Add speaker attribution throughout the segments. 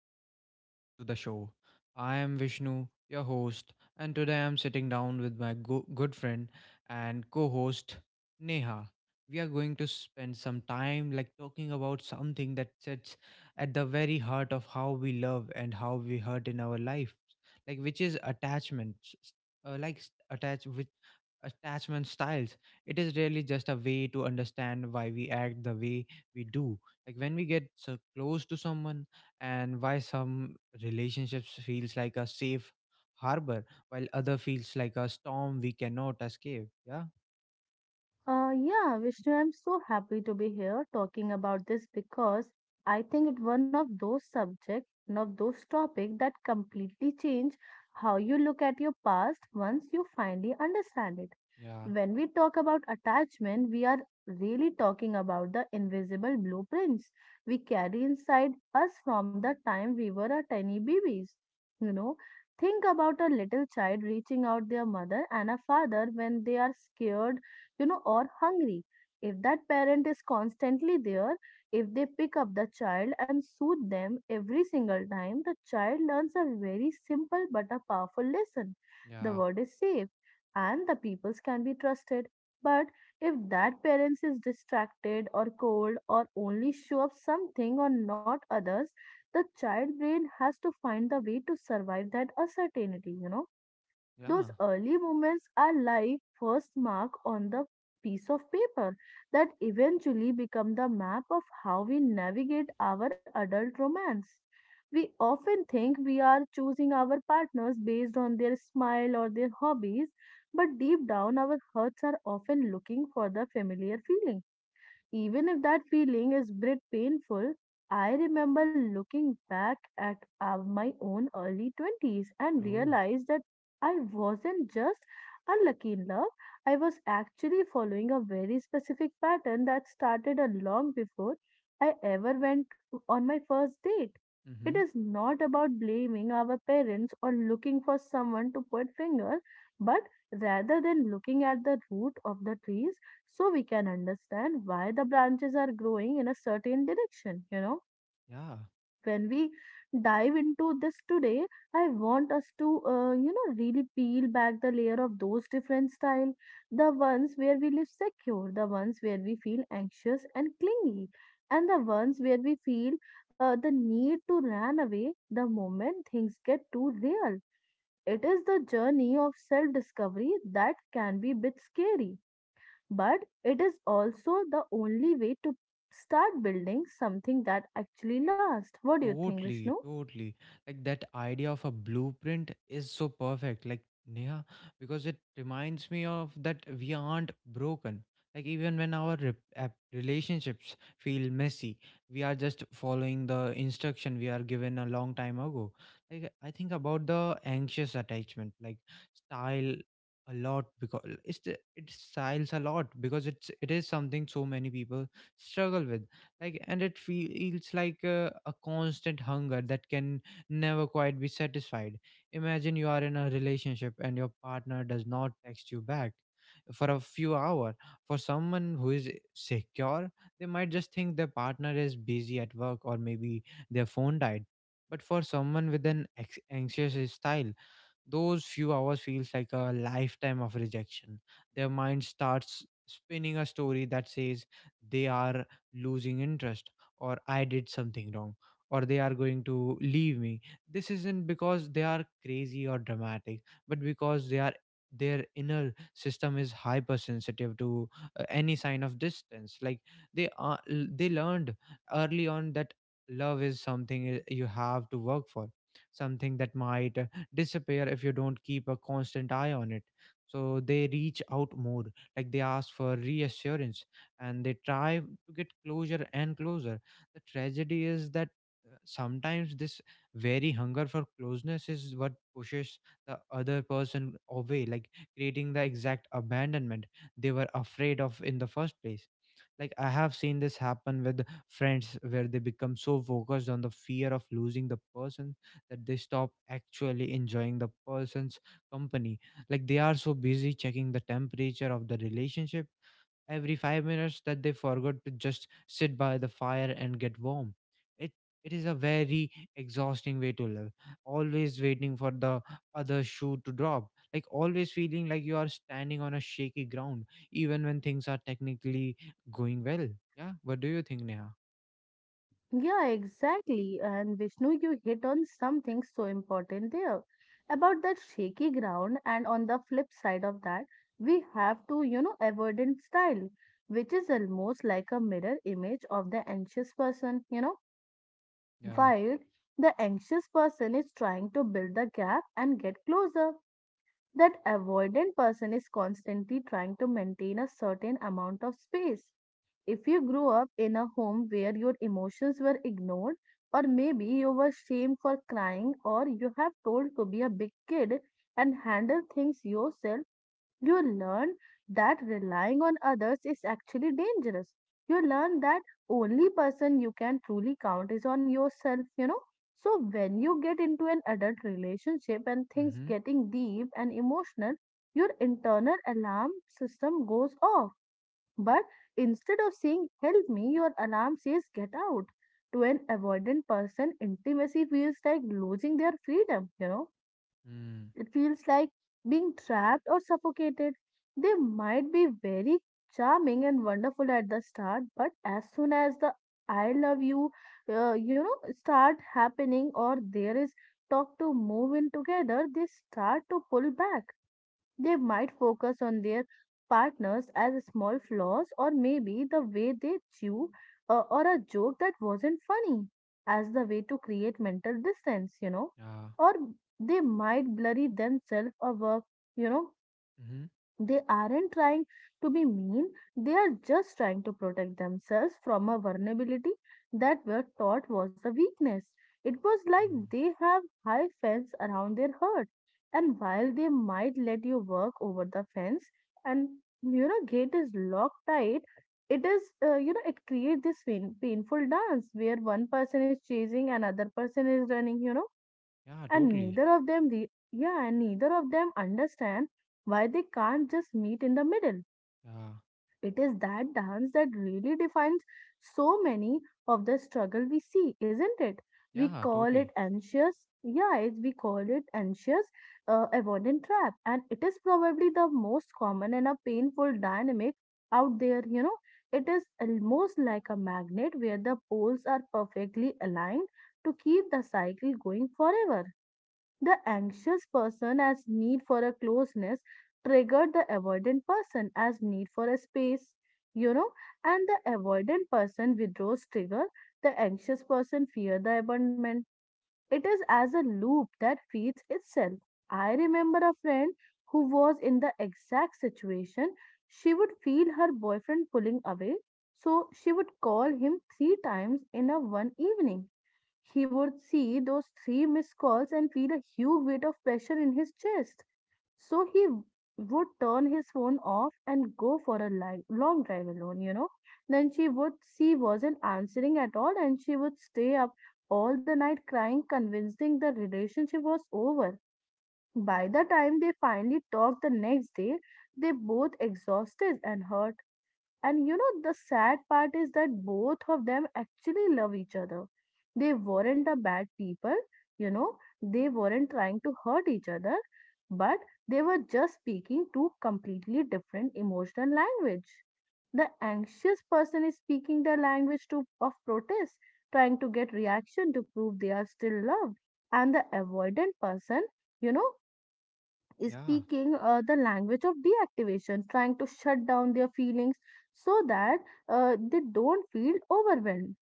Speaker 1: back to the show. I am Vishnu, your host, and today I'm sitting down with my good friend and co host Neha. We are going to spend some time like talking about something that sits at the very heart of how we love and how we hurt in our lives, like which is attachments, like attachment styles. It is really just a way to understand why we act the way we do like when we get so close to someone, and why some relationships feels like a safe harbor while other feels like a storm we cannot escape. Yeah.
Speaker 2: Yeah, Vishnu, I'm so happy to be here talking about this because I think it's one of those subjects, one of those topics that completely change how you look at your past once you finally understand it.
Speaker 1: Yeah.
Speaker 2: When we talk about attachment, we are really talking about the invisible blueprints we carry inside us from the time we were a tiny babies. You know, think about a little child reaching out their mother and a father when they are scared, or hungry. If that parent is constantly there, if they pick up the child and soothe them every single time, the child learns a very simple but a powerful lesson. The
Speaker 1: Yeah.
Speaker 2: world is safe and the peoples can be trusted. But if that parents is distracted or cold or only show up something or not others, the child brain has to find the way to survive that uncertainty.
Speaker 1: Yeah.
Speaker 2: Those early moments are like first mark on the piece of paper that eventually become the map of how we navigate our adult romance. We often think we are choosing our partners based on their smile or their hobbies, but deep down our hearts are often looking for the familiar feeling even if that feeling is bit painful. I remember looking back at my own early 20s and
Speaker 1: Oh.
Speaker 2: realized that I wasn't just unlucky in love, I was actually following a very specific pattern that started a long before I ever went on my first date. It
Speaker 1: Mm-hmm.
Speaker 2: is not about blaming our parents or looking for someone to point finger, but rather than looking at the root of the trees, so we can understand why the branches are growing in a certain direction you know
Speaker 1: Yeah.
Speaker 2: when we dive into this today, I want us to really peel back the layer of those different style, the ones where we live secure, the ones where we feel anxious and clingy, and the ones where we feel the need to run away the moment things get too real. It is the journey of self discovery that can be a bit scary, but it is also the only way to start building something that actually lasts. What do you think, Vishnu?
Speaker 1: Totally, totally. Like that idea of a blueprint is so perfect. Like Neha, because it reminds me of that we aren't broken. Like even when our relationships feel messy, we are just following the instruction we are given a long time ago. Like I think about the anxious attachment, like style a lot because it's it styles a lot because it is something so many people struggle with, like, and it feels like a constant hunger that can never quite be satisfied. Imagine you are in a relationship and your partner does not text you back for a few hours. For someone who is secure, they might just think their partner is busy at work, or maybe their phone died. But for someone with an anxious style, those few hours feels like a lifetime of rejection. Their mind starts spinning a story that says they are losing interest, or I did something wrong, or they are going to leave me. This isn't because they are crazy or dramatic, but because they are their inner system is hypersensitive to any sign of distance. Like they learned early on that love is something you have to work for, something that might disappear if you don't keep a constant eye on it. So they reach out more, like they ask for reassurance, and they try to get closer and closer. The tragedy is that sometimes this very hunger for closeness is what pushes the other person away, like creating the exact abandonment they were afraid of in the first place. Like I have seen this happen with friends where they become so focused on the fear of losing the person that they stop actually enjoying the person's company. Like they are so busy checking the temperature of the relationship every 5 minutes that they forgot to just sit by the fire and get warm. It it is a very exhausting way to live. Always waiting for the other shoe to drop. Like always feeling like you are standing on a shaky ground, even when things are technically going well. Yeah. What do you think, Neha?
Speaker 2: Yeah, exactly. And Vishnu, you hit on something so important there about that shaky ground. And on the flip side of that, we have to avoidant style, which is almost like a mirror image of the anxious person,
Speaker 1: Yeah.
Speaker 2: while the anxious person is trying to build the gap and get closer. That avoidant person is constantly trying to maintain a certain amount of space. If you grew up in a home where your emotions were ignored, or maybe you were shamed for crying, or you have told to be a big kid and handle things yourself, you learn that relying on others is actually dangerous. You learn that only person you can truly count is on yourself. So when you get into an adult relationship and things
Speaker 1: Mm-hmm.
Speaker 2: getting deep and emotional, your internal alarm system goes off. But instead of saying help me, your alarm says get out. To an avoidant person, intimacy feels like losing their freedom, you know
Speaker 1: Mm.
Speaker 2: it feels like being trapped or suffocated. They might be very charming and wonderful at the start, but as soon as the I love you, start happening or there is talk to move in together, they start to pull back. They might focus on their partners as small flaws or maybe the way they chew or a joke that wasn't funny as the way to create mental distance.
Speaker 1: Yeah.
Speaker 2: Or they might blurry themselves a work, you know,
Speaker 1: Mm-hmm.
Speaker 2: they aren't trying to be mean, they are just trying to protect themselves from a vulnerability that were taught was a weakness. It was like
Speaker 1: Mm.
Speaker 2: they have high fence around their herd, and while they might let you work over the fence and gate is locked tight. It is uh, you know it creates this painful dance where one person is chasing another person is running, you know
Speaker 1: Yeah,
Speaker 2: and
Speaker 1: totally.
Speaker 2: neither of them, yeah, and neither of them understand why they can't just meet in the middle.
Speaker 1: Yeah.
Speaker 2: It is that dance that really defines so many of the struggle we see, isn't it? We
Speaker 1: Yeah,
Speaker 2: call it
Speaker 1: totally.
Speaker 2: anxious. Yeah. We call it anxious avoidant trap, and it is probably the most common and a painful dynamic out there. It is almost like a magnet where the poles are perfectly aligned to keep the cycle going forever. The anxious person as need for a closeness triggered the avoidant person as need for a space, you know, and the avoidant person withdraws trigger the anxious person fear the abandonment. It is as a loop that feeds itself. I remember a friend who was in the exact situation. She would feel her boyfriend pulling away, so she would call him three times in a one evening. He would see those three missed calls and feel a huge weight of pressure in his chest. So he would turn his phone off and go for a long drive alone. Then she would see wasn't answering at all and she would stay up all the night crying, convincing the relationship was over. By the time they finally talked the next day, they both exhausted and hurt, and the sad part is that both of them actually love each other. They weren't a bad people, you know, they weren't trying to hurt each other, but they were just speaking two completely different emotional language. The anxious person is speaking the language of protest, trying to get reaction to prove they are still loved. And the avoidant person, you know,
Speaker 1: Yeah.
Speaker 2: speaking the language of deactivation, trying to shut down their feelings so that they don't feel overwhelmed.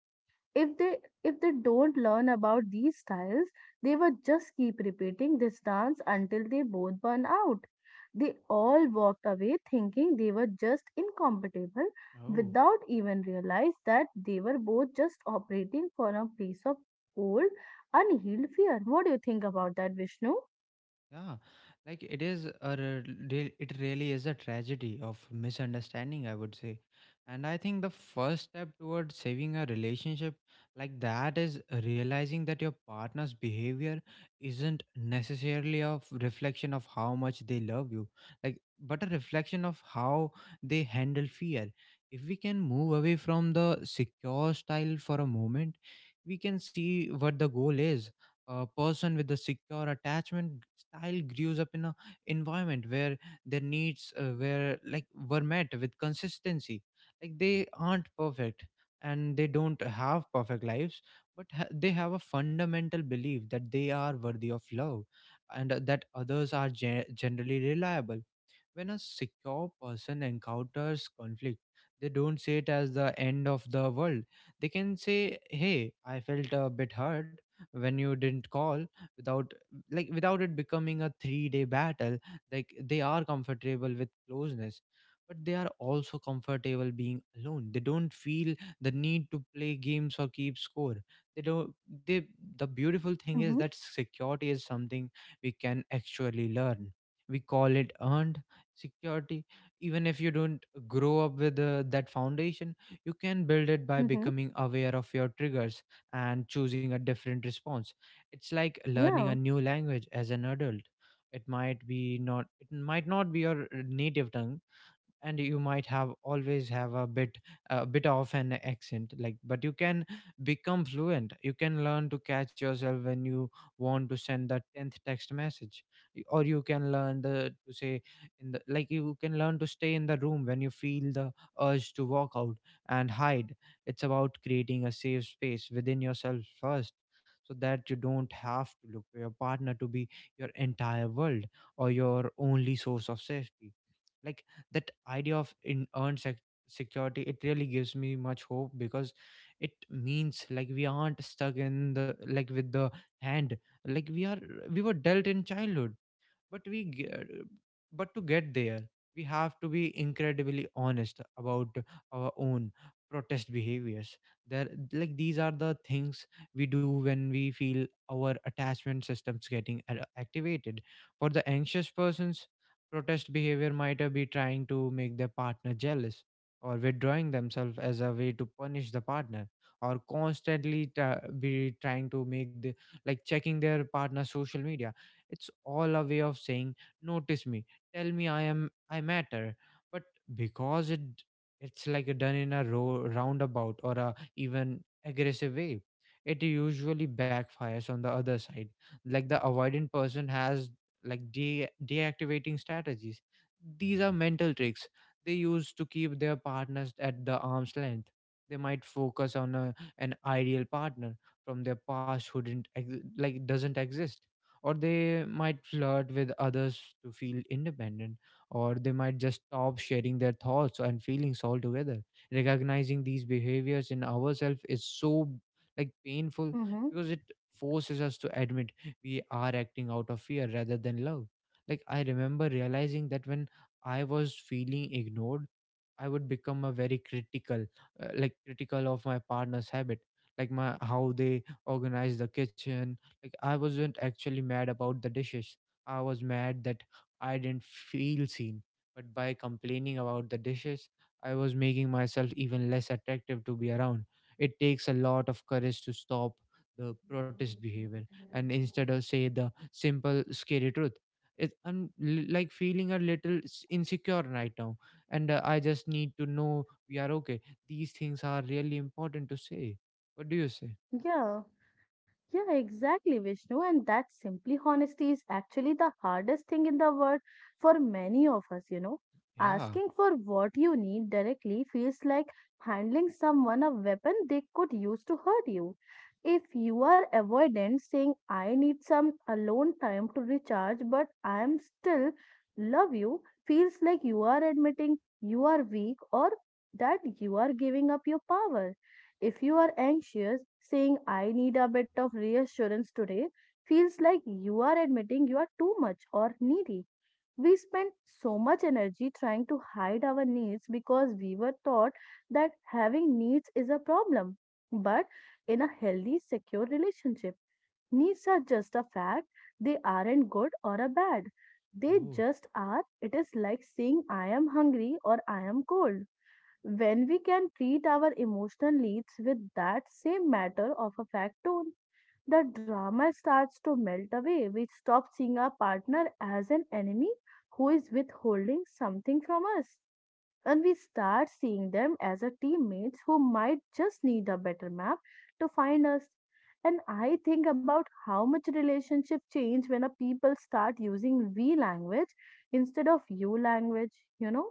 Speaker 2: If they if they don't learn about these styles, they will just keep repeating this dance until they both burn out. They all walked away thinking they were just incompatible
Speaker 1: Oh.
Speaker 2: without even realize that they were both just operating from a place of old, unhealed fear. What do you think about that, Vishnu?
Speaker 1: Yeah, like it really is a tragedy of misunderstanding, I would say. And I think the first step towards saving a relationship like that is realizing that your partner's behavior isn't necessarily a reflection of how much they love you, like but a reflection of how they handle fear. If we can move away from the secure style for a moment, we can see what the goal is. A person with a secure attachment child grows up in a environment where their needs were met with consistency. Like they aren't perfect and they don't have perfect lives, but they have a fundamental belief that they are worthy of love, and that others are generally reliable. When a secure person encounters conflict, they don't see it as the end of the world. They can say, "Hey, I felt a bit hurt when you didn't call," without without it becoming a 3 day battle. Like they are comfortable with closeness, but they are also comfortable being alone. They don't feel the need to play games or keep score. They don't they The beautiful thing is that
Speaker 2: Mm-hmm.
Speaker 1: security is something we can actually learn. We call it earned security. Even if you don't grow up with that foundation, you can build it by
Speaker 2: Mm-hmm.
Speaker 1: becoming aware of your triggers and choosing a different response. It's like learning a
Speaker 2: Yeah.
Speaker 1: new language as an adult. It might not be your native tongue, and you might have a bit of an accent, like, but you can become fluent. You can learn to catch yourself when you want to send the 10th text message. Y- or you can learn the to say in the like You can learn to stay in the room when you feel the urge to walk out and hide. It's about creating a safe space within yourself first, so that you don't have to look for your partner to be your entire world or your only source of safety. Like that idea of in earned security, it really gives me much hope because it means like we aren't stuck in the like with the hand like we were dealt in childhood. But we get, but to get there, we have to be incredibly honest about our own protest behaviors. There like These are the things we do when we feel our attachment systems getting activated. For the anxious persons, protest behavior might be trying to make their partner jealous, or withdrawing themselves as a way to punish the partner, or constantly tra- be trying to make the like checking their partner's social media. It's all a way of saying, notice me, tell me I am I matter. But because it's like a done in a roundabout or a even aggressive way, it usually backfires on the other side. Like the avoidant person has like deactivating strategies. These are mental tricks they use to keep their partners at the arm's length. They might focus on an ideal partner from their past who didn't ex- like doesn't exist, or they might flirt with others to feel independent, or they might just stop sharing their thoughts and feelings altogether. Recognizing these behaviors in ourselves is so like painful because
Speaker 2: Mm-hmm.
Speaker 1: it forces us to admit we are acting out of fear rather than love. Like I remember realizing that when I was feeling ignored, I would become a very critical of my partner's habit, like my how they organize the kitchen. Like I wasn't actually mad about the dishes. I was mad that I didn't feel seen. But by complaining about the dishes, I was making myself even less attractive to be around. It takes a lot of courage to stop the protest behavior and instead of say the simple scary truth. I'm like feeling a little insecure right now, and I just need to know we are okay. These things are really important to say. What do you say?
Speaker 2: Yeah, yeah, exactly, Vishnu. And that simply honesty is actually the hardest thing in the world for many of us.
Speaker 1: Yeah.
Speaker 2: Asking for what you need directly feels like handling someone a weapon they could use to hurt you. If you are avoidant, saying, I need some alone time to recharge, but I am still love you, feels like you are admitting you are weak or that you are giving up your power. If you are anxious, saying, I need a bit of reassurance today, feels like you are admitting you are too much or needy. We spend so much energy trying to hide our needs because we were taught that having needs is a problem. But in a healthy, secure relationship, needs are just a fact. They aren't good or a bad. They
Speaker 1: Oh,
Speaker 2: just are. It is like saying, I am hungry or I am cold. When we can treat our emotional needs with that same matter of a fact tone, the drama starts to melt away. We stop seeing our partner as an enemy who is withholding something from us and we start seeing them as a teammates who might just need a better map to find us. And I think about how much relationship change when a people start using we language instead of you language, you know?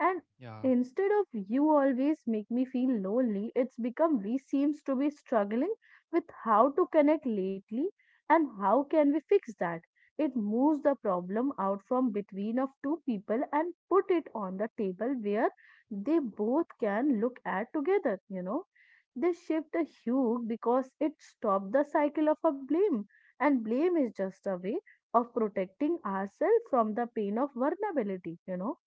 Speaker 2: And
Speaker 1: yeah.
Speaker 2: instead of you always make me feel lonely, it's become we seems to be struggling with how to connect lately and how can we fix that. It moves the problem out from between of two people and put it on the table where they both can look at together. They shift the hue because it stopped the cycle of a blame. And blame is just a way of protecting ourselves from the pain of vulnerability.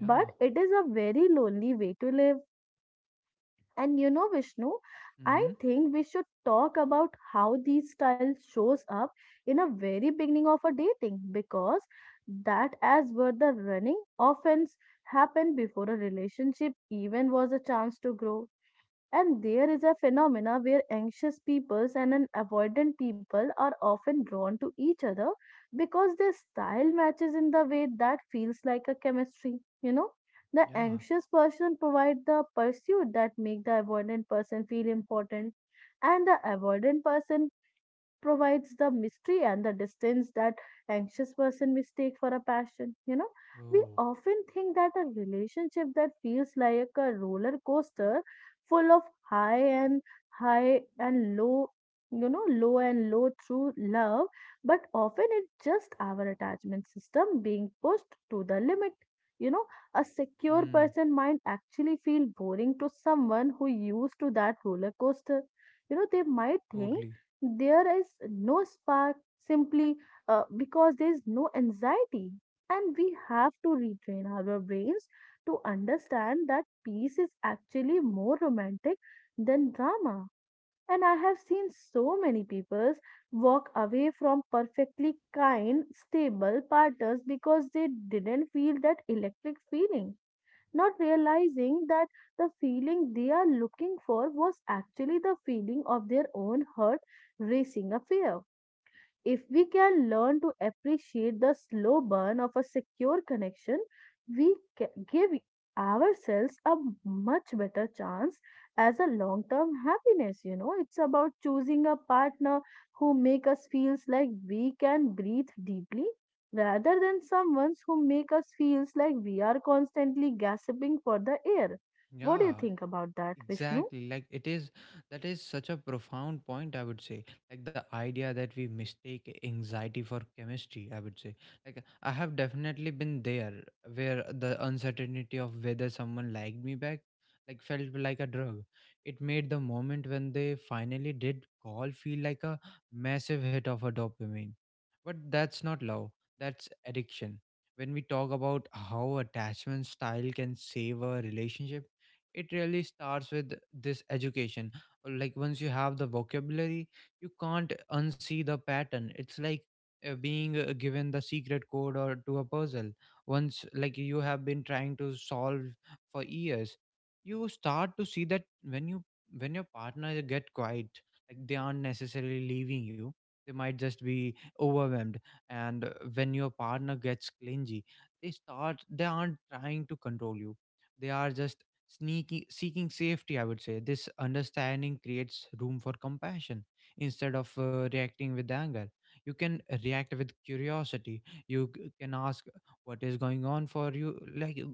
Speaker 1: Yeah.
Speaker 2: it is a very lonely way to live. And Vishnu, I
Speaker 1: Mm-hmm.
Speaker 2: think we should talk about how these styles shows up in a very beginning of a dating because that as where the running offense happened before a relationship even was a chance to grow. And there is a phenomena where anxious peoples and an avoidant people are often drawn to each other because their style matches in the way that feels like a chemistry. You know, the
Speaker 1: Yeah.
Speaker 2: anxious person provide the pursuit that make the avoidant person feel important, and the avoidant person provides the mystery and the distance that anxious person mistake for a passion. We
Speaker 1: Oh.
Speaker 2: often think that a relationship that feels like a roller coaster full of high and high and low, low and low through love, but often it's just our attachment system being pushed to the limit you know a secure
Speaker 1: Mm.
Speaker 2: person might actually feel boring to someone who used to that roller coaster. You know, they might think
Speaker 1: Totally.
Speaker 2: there is no spark, simply because there is no anxiety. And we have to retrain our brains to understand that peace is actually more romantic than drama. And I have seen so many people walk away from perfectly kind, stable partners because they didn't feel that electric feeling, not realizing that the feeling they are looking for was actually the feeling of their own heart racing a fear. If we can learn to appreciate the slow burn of a secure connection, we give ourselves a much better chance as a long term happiness. You know, it's about choosing a partner who make us feels like we can breathe deeply rather than someone who make us feels like we are constantly gasping for the air. What do you
Speaker 1: Yeah.
Speaker 2: think about that, Vishnu?
Speaker 1: Exactly. Like that is such a profound point, I would say. Like the idea that we mistake anxiety for chemistry, I would say. Like I have definitely been there where the uncertainty of whether someone liked me back, like felt like a drug. It made the moment when they finally did call feel like a massive hit of a dopamine. But that's not love, that's addiction. When we talk about how attachment style can save a relationship, it really starts with this education. Once you have the vocabulary you can't unsee the pattern. It's like being given the secret code or to a puzzle once you have been trying to solve for years. You start to see that when your partner get quiet, like they aren't necessarily leaving you, they might just be overwhelmed. And when your partner gets clingy, they aren't trying to control you, they are just sneaking seeking safety, I would say. This understanding creates room for compassion. Instead of reacting with anger, you can react with curiosity. You can ask, what is going on for you like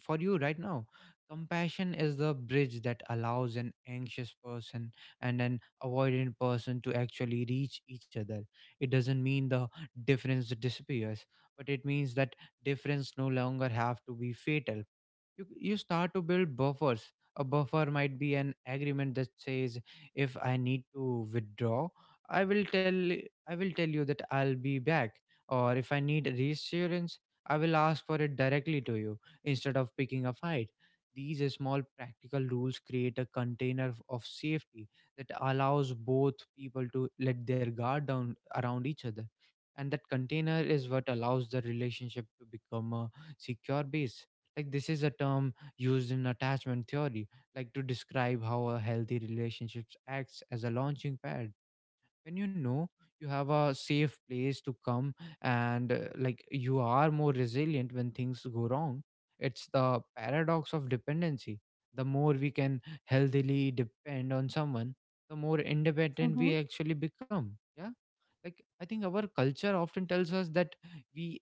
Speaker 1: for you right now? Compassion is the bridge that allows an anxious person and an avoidant person to actually reach each other. It doesn't mean the difference disappears, but it means that difference no longer have to be fatal. You start to build buffers. A buffer might be an agreement that says, if I need to withdraw, i will tell I will tell you that I'll be back. Or if I need reassurance, I will ask for it directly to you instead of picking a fight. These small practical rules create a container of safety that allows both people to let their guard down around each other. And that container is what allows the relationship to become a secure base. Like this is a term used in attachment theory, like to describe how a healthy relationship acts as a launching pad. When you know you have a safe place to come, and like you are more resilient when things go wrong. It's the paradox of dependency: the more we can healthily depend on someone, the more independent we
Speaker 2: Mm-hmm,
Speaker 1: actually become. Yeah. I think our culture often tells us that we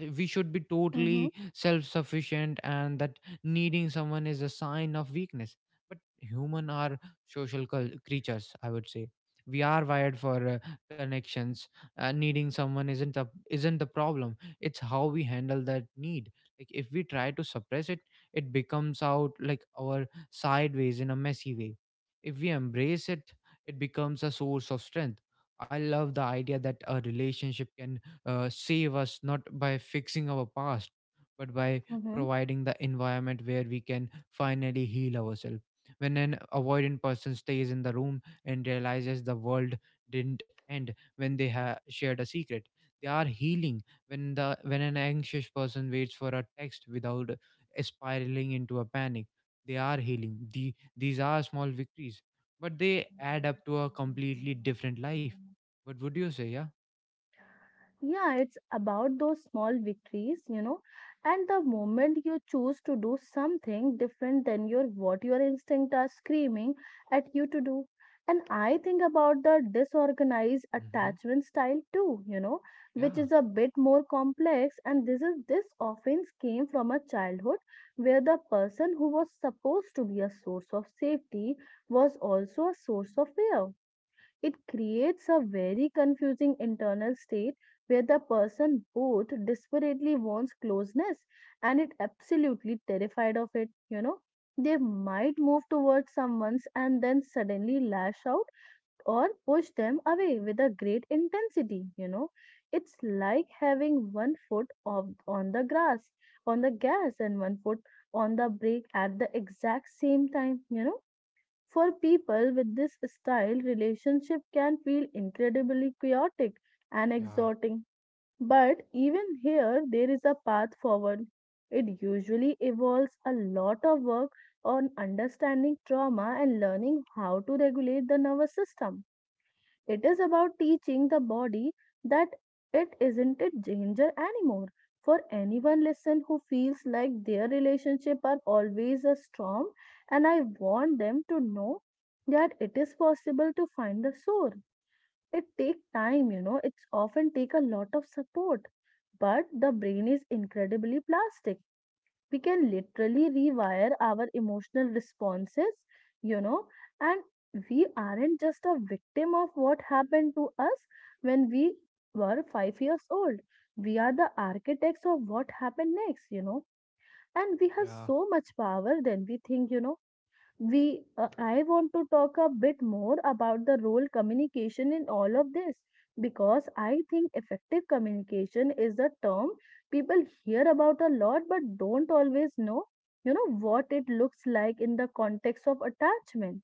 Speaker 1: we should be
Speaker 2: mm-hmm,
Speaker 1: totally self-sufficient and that needing someone is a sign of weakness. But human are social creatures, I would say. We are wired for connections. Needing someone isn't the problem, it's how we handle that need. Like if we try to suppress it, it becomes out like our sideways in a messy way. If we embrace it, it becomes a source of strength. I love the idea that a relationship can save us not by fixing our past, but by
Speaker 2: mm-hmm.
Speaker 1: providing the environment where we can finally heal ourselves. When an avoidant person stays in the room and realizes the world didn't end when they shared a secret, they are healing. When the when an anxious person waits for a text without spiraling into a panic, they are healing. These are small victories, but they add up to a completely different life. What would you say? Yeah.
Speaker 2: Yeah, it's about those small victories, you know. And the moment you choose to do something different than your what your instinct are screaming at you to do. And I think about the disorganized
Speaker 1: Mm-hmm.
Speaker 2: attachment style too, you know, which
Speaker 1: Yeah.
Speaker 2: is a bit more complex. And this often came from a childhood where the person who was supposed to be a source of safety was also a source of fear. It creates a very confusing internal state where the person both desperately wants closeness and is absolutely terrified of it, you know. They might move towards someone's and then suddenly lash out or push them away with a great intensity, you know. It's like having one foot on the grass, on the gas, and one foot on the brake at the exact same time, you know, for people with this style, relationship can feel incredibly chaotic and
Speaker 1: Yeah,
Speaker 2: exhausting. But even here, there is a path forward. It usually involves a lot of work on understanding trauma and learning how to regulate the nervous system. It is about teaching the body that it isn't a danger anymore. For anyone listen who feels like their relationship are always a storm, and I want them to know that it is possible to find the source. It take time, you know, it's often take a lot of support. But the brain is incredibly plastic. We can literally rewire our emotional responses, you know, and we aren't just a victim of what happened to us when we were 5 years old. We are the architects of what happened next, you know, and we have
Speaker 1: yeah,
Speaker 2: so much power than we think, you know. We I want to talk a bit more about the role communication in all of this, because I think effective communication is a term people hear about a lot but don't always know, you know, what it looks like in the context of attachment.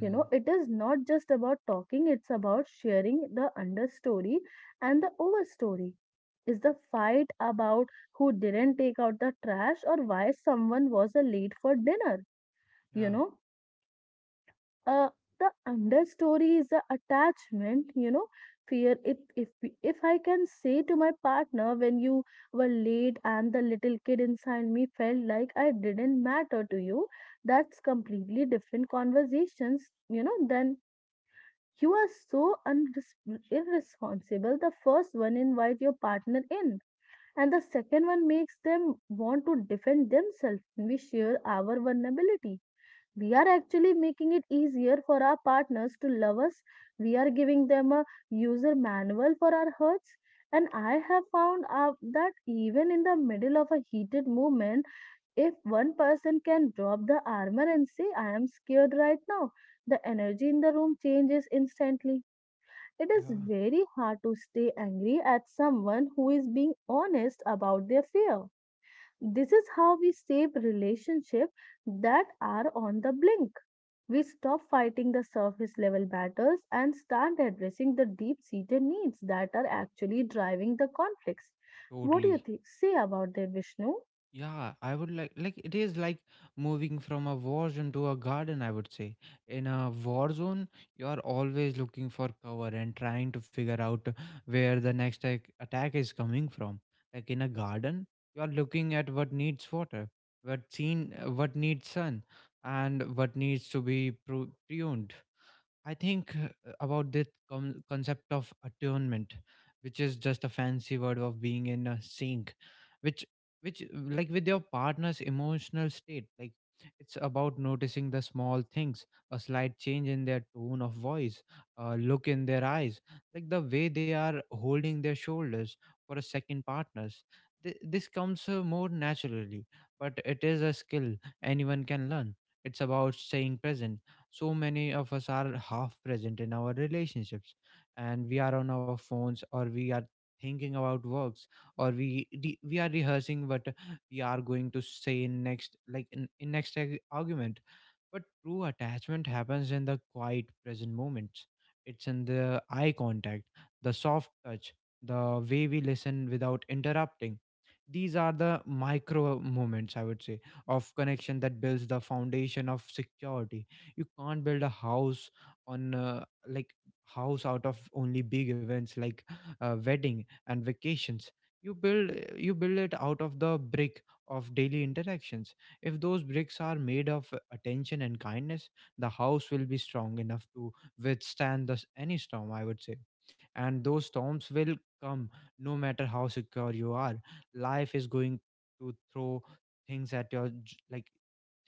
Speaker 2: You know, it is not just about talking, it's about sharing the understory and the overstory. Is the fight about who didn't take out the trash or why someone was late for dinner? You
Speaker 1: yeah,
Speaker 2: know, uh, the understory is the attachment, you know, fear. If if I can say to my partner, when you were late and the little kid inside me felt like I didn't matter to you, that's completely different conversations, you know, then you are so unres- irresponsible. The first one invite your partner in, and the second one makes them want to defend themselves. We share our vulnerability, we are actually making it easier for our partners to love us. We are giving them a user manual for our hurts. And I have found out that even in the middle of a heated moment, if one person can drop the armor and say, I am scared right now, the energy in the room changes instantly. It is
Speaker 1: yeah,
Speaker 2: very hard to stay angry at someone who is being honest about their fear. This is how we save relationships that are on the blink. We stop fighting the surface level battles and start addressing the deep seated needs that are actually driving the conflicts. What do you
Speaker 1: totally.
Speaker 2: say about that, Vishnu?
Speaker 1: Yeah, I would like it is like moving from a war zone to a garden, I would say. In a war zone, you are always looking for cover and trying to figure out where the next attack is coming from. Like in a garden, you are looking at what needs water, what seen, what needs sun, and what needs to be pruned. I think about this concept of attunement, which is just a fancy word of being in a sync, which which like with your partner's emotional state. Like it's about noticing the small things: a slight change in their tone of voice, a look in their eyes, like the way they are holding their shoulders for a second partner's. This comes more naturally, but it is a skill anyone can learn. It's about staying present. So many of us are half present in our relationships and we are on our phones, or we are thinking about works, or we are rehearsing what we are going to say in next, like in next argument. But true attachment happens in the quiet present moments. It's in the eye contact, the soft touch, the way we listen without interrupting. These are the micro moments, I would say, of connection that builds the foundation of security. You can't build a house on, like, house out of only big events like wedding and vacations. You build you build it out of the brick of daily interactions. If those bricks are made of attention and kindness, the house will be strong enough to withstand any storm, I would say. And those storms will come no matter how secure you are. Life is going to throw things at your j- like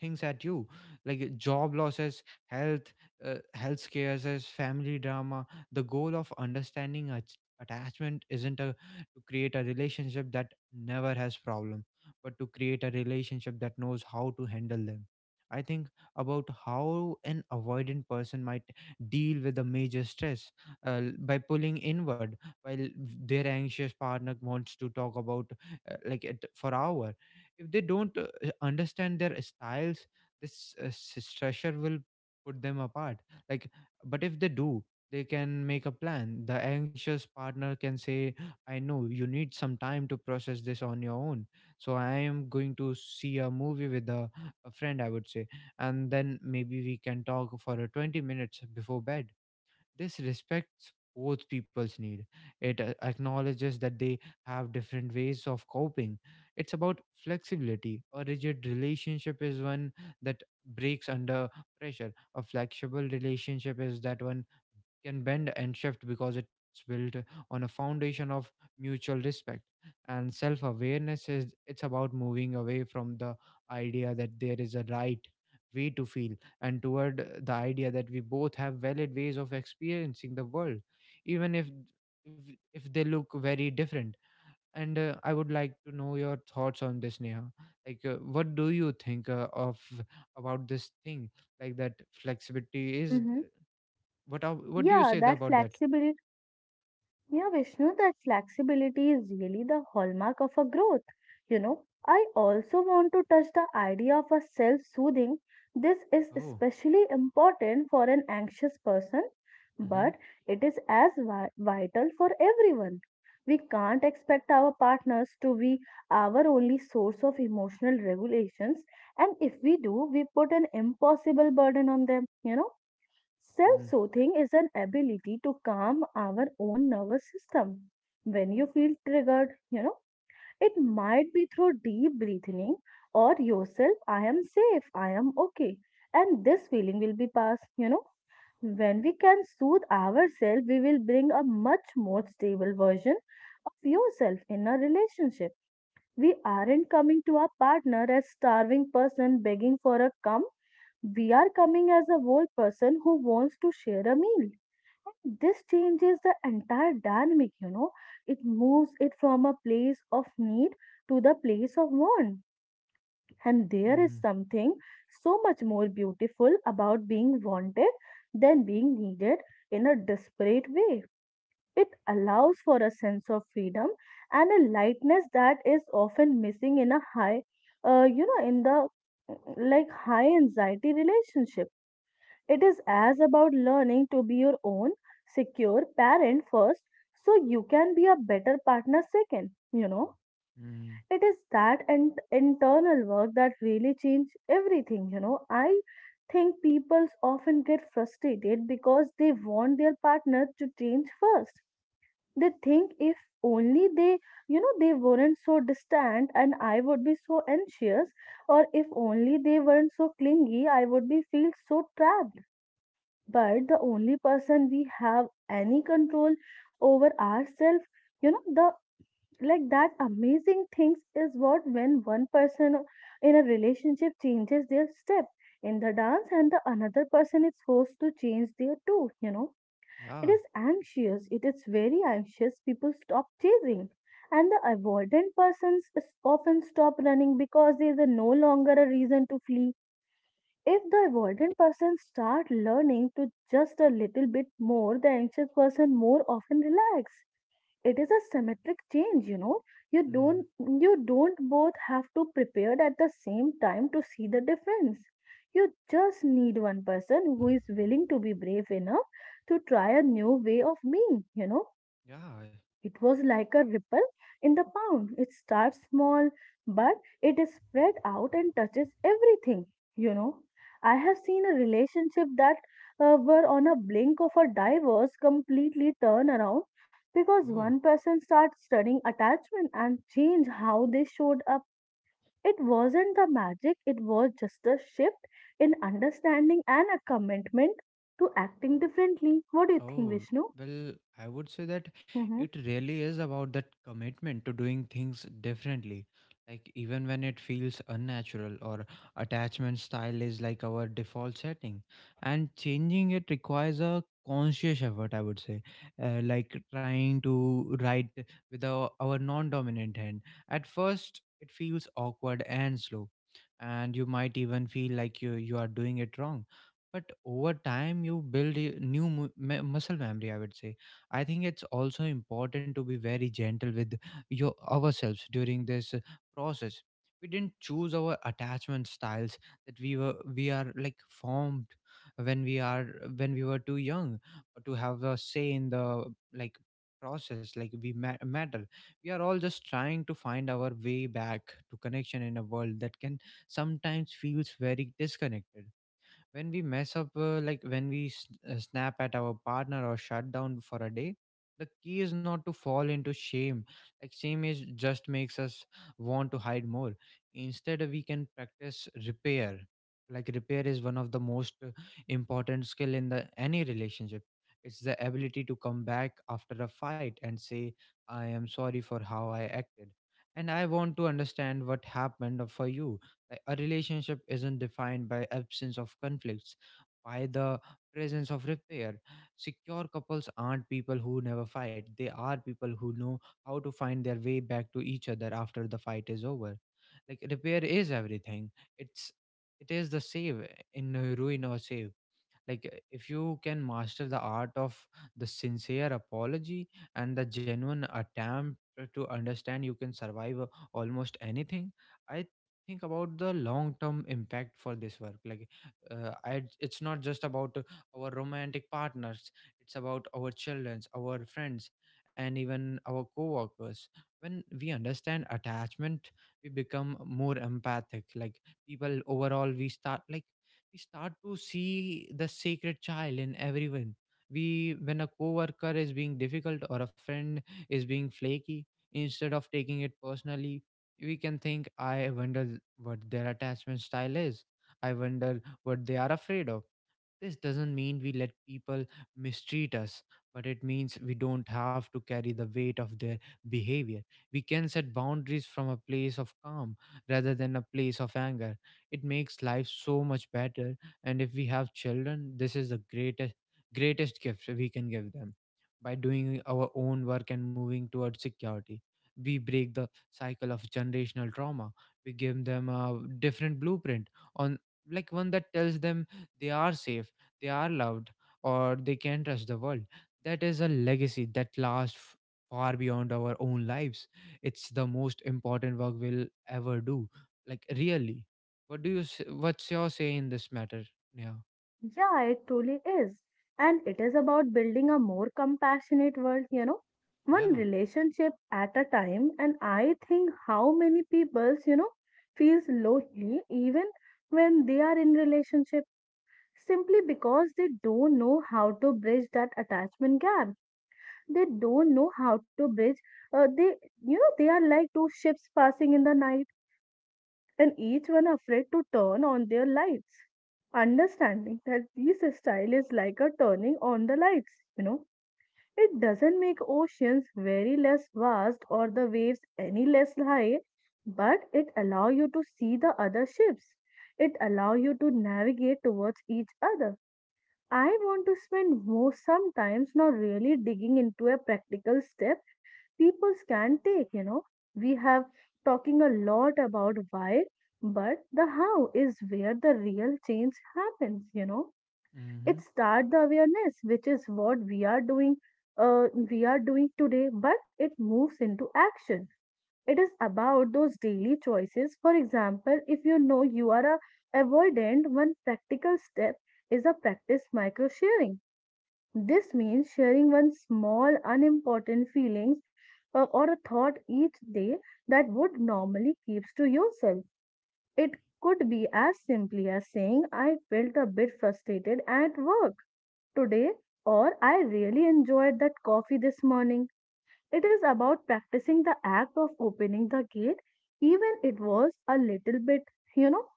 Speaker 1: things at you, like job losses, health health scares, family drama. The goal of understanding attachment isn't to create a relationship that never has problem, but to create a relationship that knows how to handle them. I think about how an avoidant person might deal with a major stress by pulling inward, while their anxious partner wants to talk about like it for hour. If they don't understand their styles, this stressor will put them apart. Like, but if they do, they can make a plan. The anxious partner can say, "I know you need some time to process this on your own." So I am going to see a movie with a friend, I would say, and then maybe we can talk for 20 minutes before bed. This respects both people's need. It acknowledges that they have different ways of coping. It's about flexibility. A rigid relationship is one that breaks under pressure. A flexible relationship is that one can bend and shift because it's built on a foundation of mutual respect and self awareness. Is It's about moving away from the idea that there is a right way to feel, and toward the idea that we both have valid ways of experiencing the world, even if, if they look very different. And I would like to know your thoughts on this, Neha. Like what do you think of about this thing, like that flexibility is
Speaker 2: Mm-hmm.
Speaker 1: what do you
Speaker 2: Yeah,
Speaker 1: say
Speaker 2: that
Speaker 1: about that?
Speaker 2: flexibility Yeah, Vishnu, that flexibility is really the hallmark of a growth. You know, I also want to touch the idea of a self soothing. This is
Speaker 1: Oh,
Speaker 2: especially important for an anxious person,
Speaker 1: mhm,
Speaker 2: but it is as vital for everyone. We can't expect our partners to be our only source of emotional regulations, and if we do, we put an impossible burden on them, you know. Self
Speaker 1: mhm,
Speaker 2: soothing is an ability to calm our own nervous system. When you feel triggered, you know, it might be through deep breathing or yourself, I am safe, I am okay, and this feeling will be passed, you know. When we can soothe ourselves, we will bring a much more stable version of yourself in a relationship. We aren't coming to our partner as starving person begging for a come. We are coming as a whole person who wants to share a meal. This changes the entire dynamic, you know. It moves it from a place of need to the place of want. And there is
Speaker 1: mhm,
Speaker 2: something so much more beautiful about being wanted than being needed in a desperate way. It allows for a sense of freedom and a lightness that is often missing in a high, you know, in the mm, like high anxiety relationship. It is as about learning to be your own secure parent first so you can be a better partner second, you know.
Speaker 1: mhm.
Speaker 2: It is that and internal work that really change everything, you know. I think people often get frustrated because they want their partner to change first. They think if only they, you know, they weren't so distant and I would be so anxious, or if only they weren't so clingy, I would be feel so trapped. But the only person we have any control over ourselves, you know, the like that amazing things is what when one person in a relationship changes their step in the dance and the another person is forced to change their too, you know, it
Speaker 1: Ja,
Speaker 2: is anxious, it is very anxious. People stop chasing, and the avoidant persons often stop running because there is a no longer a reason to flee. If the avoidant person start learning to just a little bit more, the anxious person more often relax. It is a symmetric change, you know. you
Speaker 1: mhm,
Speaker 2: don't you don't both have to prepare at the same time to see the difference. You just need one person who is willing to be brave enough to try a new way of being, you know,
Speaker 1: ja,
Speaker 2: it was like a ripple in the pond. It starts small, but it is spread out and touches everything. You know, I have seen a relationship that were on a blink of a divorce completely turn around because
Speaker 1: oh,
Speaker 2: one person starts studying attachment and change how they showed up. It wasn't the magic, it was just a shift in understanding and a commitment to acting differently. What do you think,
Speaker 1: oh,
Speaker 2: Vishnu?
Speaker 1: well, I would say that
Speaker 2: Mm-hmm.
Speaker 1: it really is about that commitment to doing things differently. Like, even when it feels unnatural. Or attachment style is like our default setting, and changing it requires a conscious effort, I would say. Like, trying to write with our non dominant hand. At first, it feels awkward and slow, and you might even feel like you are doing it wrong. But over time you build a new muscle memory, I would say. I think it's also important to be very gentle with your ourselves during this process. We didn't choose our attachment styles that we are like formed when we are when we were too young to have a say in the like process. Like matter, we are all just trying to find our way back to connection in a world that can sometimes feels very disconnected. When we mess up, like when snap at our partner or shut down for a day, the key is not to fall into shame. Like shame is just makes us want to hide more. Instead we can practice repair. Like repair is one of the most important skill in the any relationship. It's the ability to come back after a fight and say, I am sorry for how I acted and I want to understand what happened for you. Like, a relationship isn't defined by absence of conflicts, by the presence of repair. Secure couples aren't people who never fight. They are people who know how to find their way back to each other after the fight is over. Like repair is everything. It's it is the save in a ruin or save, like if you can master the art of the sincere apology and the genuine attempt to understand, you can survive almost anything. I think about the long term impact for this work, like it's not just about our romantic partners, it's about our childrens, our friends, and even our co-workers. When we understand attachment, we become more empathic, like people overall. We start to see the sacred child in everyone. We When a coworker is being difficult or a friend is being flaky, instead of taking it personally, we can think, I wonder what their attachment style is, I wonder what they are afraid of. This doesn't mean we let people mistreat us, but it means we don't have to carry the weight of their behavior. We can set boundaries from a place of calm rather than a place of anger. It makes life so much better. And if we have children, this is the greatest gift we can give them. By doing our own work and moving towards security, we break the cycle of generational trauma. We give them a different blueprint on like one that tells them they are safe, they are loved, or they can touch the world. That is a legacy that lasts far beyond our own lives. It's the most important work we'll ever do. Like really, what's your say in this matter? Yeah.
Speaker 2: Yeah, it truly is. And it is about building a more compassionate world, you know, one
Speaker 1: Yeah.
Speaker 2: relationship at a time. And I think how many people, you know, feels lonely even when they are in relationship simply because they don't know how to bridge that attachment gap. They don't know how to bridge. They, you know, they are like two ships passing in the night and each one afraid to turn on their lights. Understanding that this style is like a turning on the lights, you know, it doesn't make oceans very less vast or the waves any less high, but it allow you to see the other ships. It allow you to navigate towards each other. I want to spend more sometimes now really digging into a practical step people can take, you know. We have talking a lot about why, but the how is where the real change happens, you know. It
Speaker 1: Mm-hmm.
Speaker 2: starts the awareness, which is what we are doing today, but it moves into action. It is about those daily choices. For example, if you know you are a avoidant, one practical step is a practice micro sharing. This means sharing one small, unimportant feelings or a thought each day that would normally keeps to yourself. It could be as simply as saying, I felt a bit frustrated at work today, or I really enjoyed that coffee this morning. It is about practicing the act of opening the gate, even it was a little bit, you know.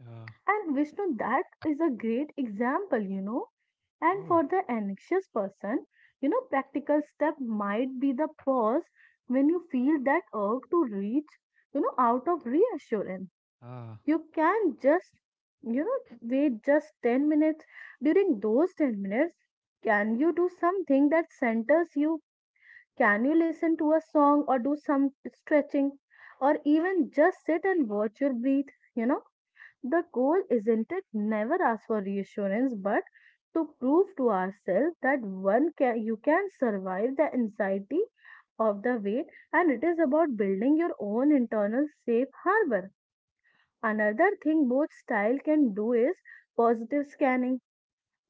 Speaker 1: Yeah.
Speaker 2: And Vishnu, that is a great example, you know. And
Speaker 1: Oh.
Speaker 2: for the anxious person, you know, practical step might be the pause when you feel that urge to reach, you know, out of reassurance.
Speaker 1: Ah.
Speaker 2: You can just, wait just 10 minutes. During those 10 minutes, can you do something that centers you? Can you listen to a song or do some stretching? Or even just sit and watch your breath, you know? The goal isn't it never ask for reassurance, but to prove to ourselves that one can you can survive the anxiety of the weight, and it is about building your own internal safe harbor. Another thing both style can do is positive scanning.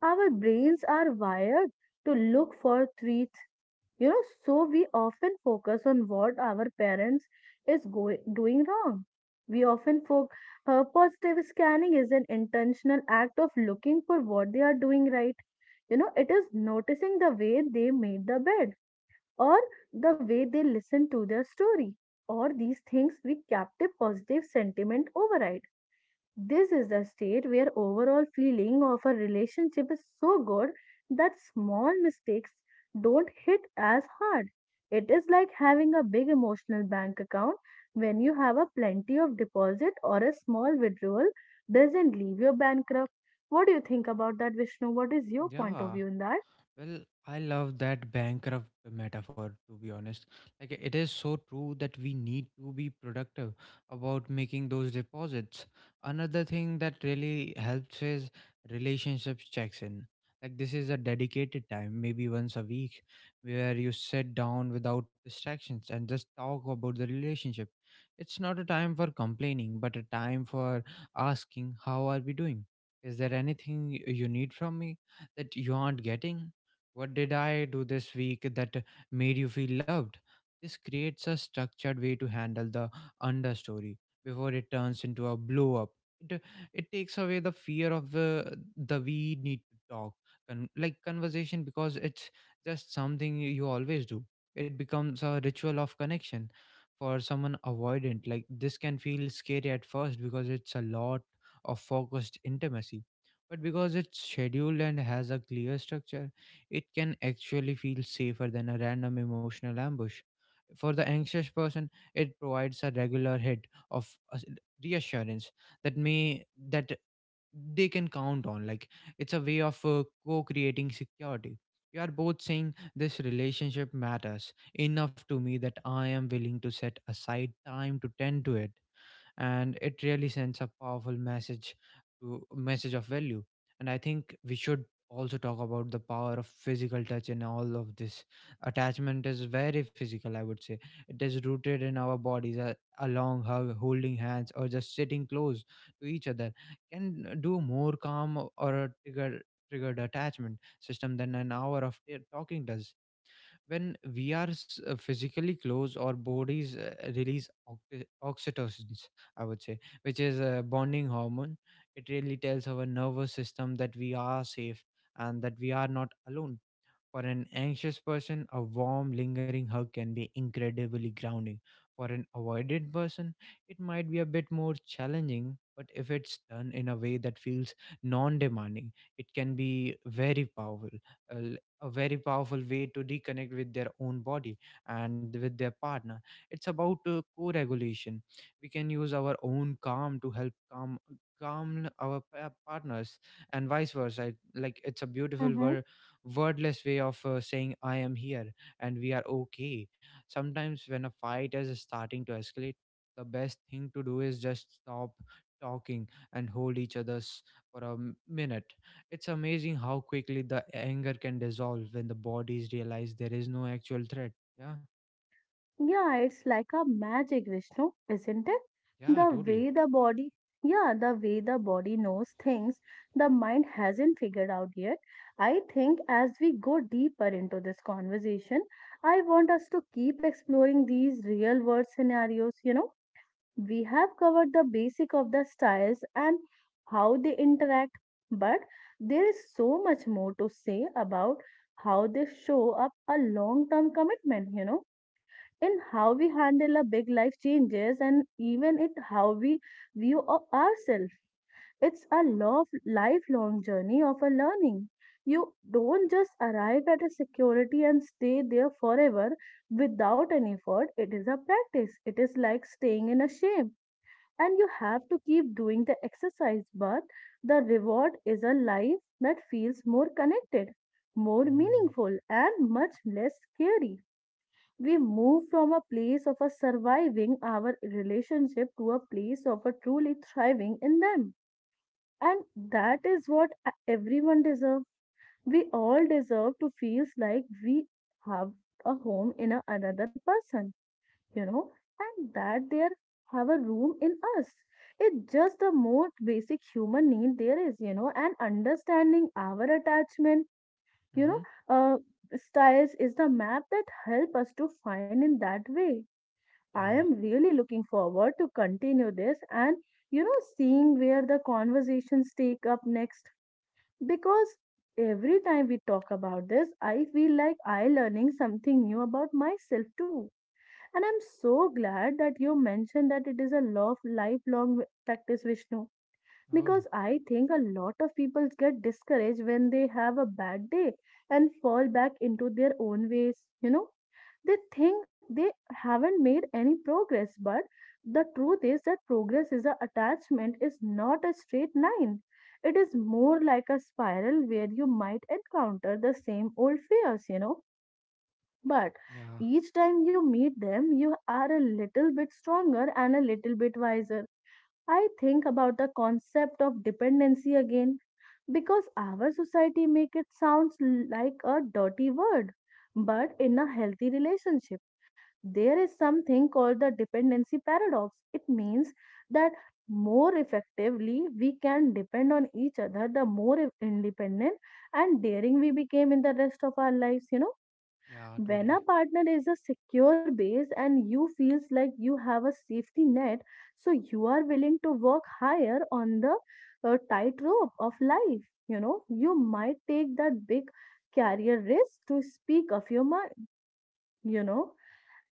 Speaker 2: Our brains are wired to look for threats, you know, so we often focus on what our parents is going doing wrong. We often focus, positive scanning is an intentional act of looking for what they are doing right, you know. It is noticing the way they made the bed or the way they listen to their story or these things we captive positive sentiment override. This is the state where overall feeling of a relationship is so good that small mistakes don't hit as hard. It is like having a big emotional bank account when you have a plenty of deposit or a small withdrawal doesn't leave you bankrupt. What do you think about that, Vishnu? What is your point of
Speaker 1: Yeah.
Speaker 2: view in that?
Speaker 1: Well, I love that bankrupt metaphor, to be honest. Like, it is so true that we need to be productive about making those deposits. Another thing that really helps is relationships checks in. Like, this is a dedicated time, maybe once a week, where you sit down without distractions and just talk about the relationship. It's not a time for complaining, but a time for asking, how are we doing? Is there anything you need from me that you aren't getting? What did I do this week that made you feel loved? This creates a structured way to handle the understory before it turns into a blow up. It, it takes away the fear of the we need to talk, conversation, because it's just something you always do. It becomes a ritual of connection for someone avoidant. Like this can feel scary at first because it's a lot of focused intimacy, but because it's scheduled and has a clear structure, it can actually feel safer than a random emotional ambush. For the anxious person, it provides a regular hit of reassurance that they can count on. Like it's a way of co-creating security. You are both saying this relationship matters enough to me that I am willing to set aside time to tend to it, and it really sends a powerful message, to message of value. And I think we should also talk about the power of physical touch in all of this. Attachment is very physical, I would say. It is rooted in our bodies. A long hug, holding hands, or just sitting close to each other can do more calm or a triggered attachment system than an hour of talking does. When we are physically close, our bodies release oxytocin, I would say, which is a bonding hormone. It really tells our nervous system that we are safe and that we are not alone. For an anxious person, a warm, lingering hug can be incredibly grounding. For an avoidant person, it might be a bit more challenging, but if it's done in a way that feels non demanding, it can be very powerful. A very powerful way to reconnect with their own body and with their partner. It's about co regulation. We can use our own calm to help calm our partners, and vice versa. Like it's a beautiful wordless way of saying I am here and we are okay. Sometimes when a fight is starting to escalate, the best thing to do is just stop talking and hold each other's for a minute. It's amazing how quickly the anger can dissolve when the bodies realize there is no actual threat. Yeah.
Speaker 2: Yeah, it's like a magic, Vishnu, isn't it?
Speaker 1: Yeah,
Speaker 2: The
Speaker 1: totally.
Speaker 2: way the body, yeah, the way the body knows things the mind hasn't figured out yet. I think as we go deeper into this conversation, I want us to keep exploring these real world scenarios. You know, we have covered the basic of the styles and how they interact, but there is so much more to say about how they show up a long term commitment, you know, in how we handle our big life changes and even it how we view of ourselves. It's a lifelong journey of a learning. You don't just arrive at a security and stay there forever without any effort. It is a practice. It is like staying in a shape. And you have to keep doing the exercise, but the reward is a life that feels more connected, more
Speaker 1: Mm.
Speaker 2: meaningful, and much less scary. We move from a place of a surviving our relationship to a place of a truly thriving in them. And that is what everyone deserves. We all deserve to feel like we have a home in a, another person, you know, and that they have a room in us. It's just the most basic human need there is, you know, and understanding our attachment, you
Speaker 1: Mm-hmm.
Speaker 2: know, uh, styles is the map that help us to find in that way. I
Speaker 1: Yeah.
Speaker 2: am really looking forward to continue this and, you know, seeing where the conversations take up next, because every time we talk about this I feel like I learning something new about myself too. And I'm so glad that you mentioned that it is a law of lifelong practice, Vishnu,
Speaker 1: Oh.
Speaker 2: because I think a lot of people get discouraged when they have a bad day and fall back into their own ways, you know. They think they haven't made any progress, but the truth is that progress is a attachment is not a straight line. It is more like a spiral where you might encounter the same old fears, you know. But
Speaker 1: Yeah.
Speaker 2: each time you meet them, you are a little bit stronger and a little bit wiser. I think about the concept of dependency again because our society make it sounds like a dirty word, but in a healthy relationship there is something called the dependency paradox. It means that more effectively we can depend on each other, the more independent and daring we became in the rest of our lives, you know.
Speaker 1: Yeah,
Speaker 2: When
Speaker 1: totally.
Speaker 2: a partner is a secure base and you feels like you have a safety net, so you are willing to work higher on the tightrope of life, you know, you might take that big career risk to speak of your mind, you know,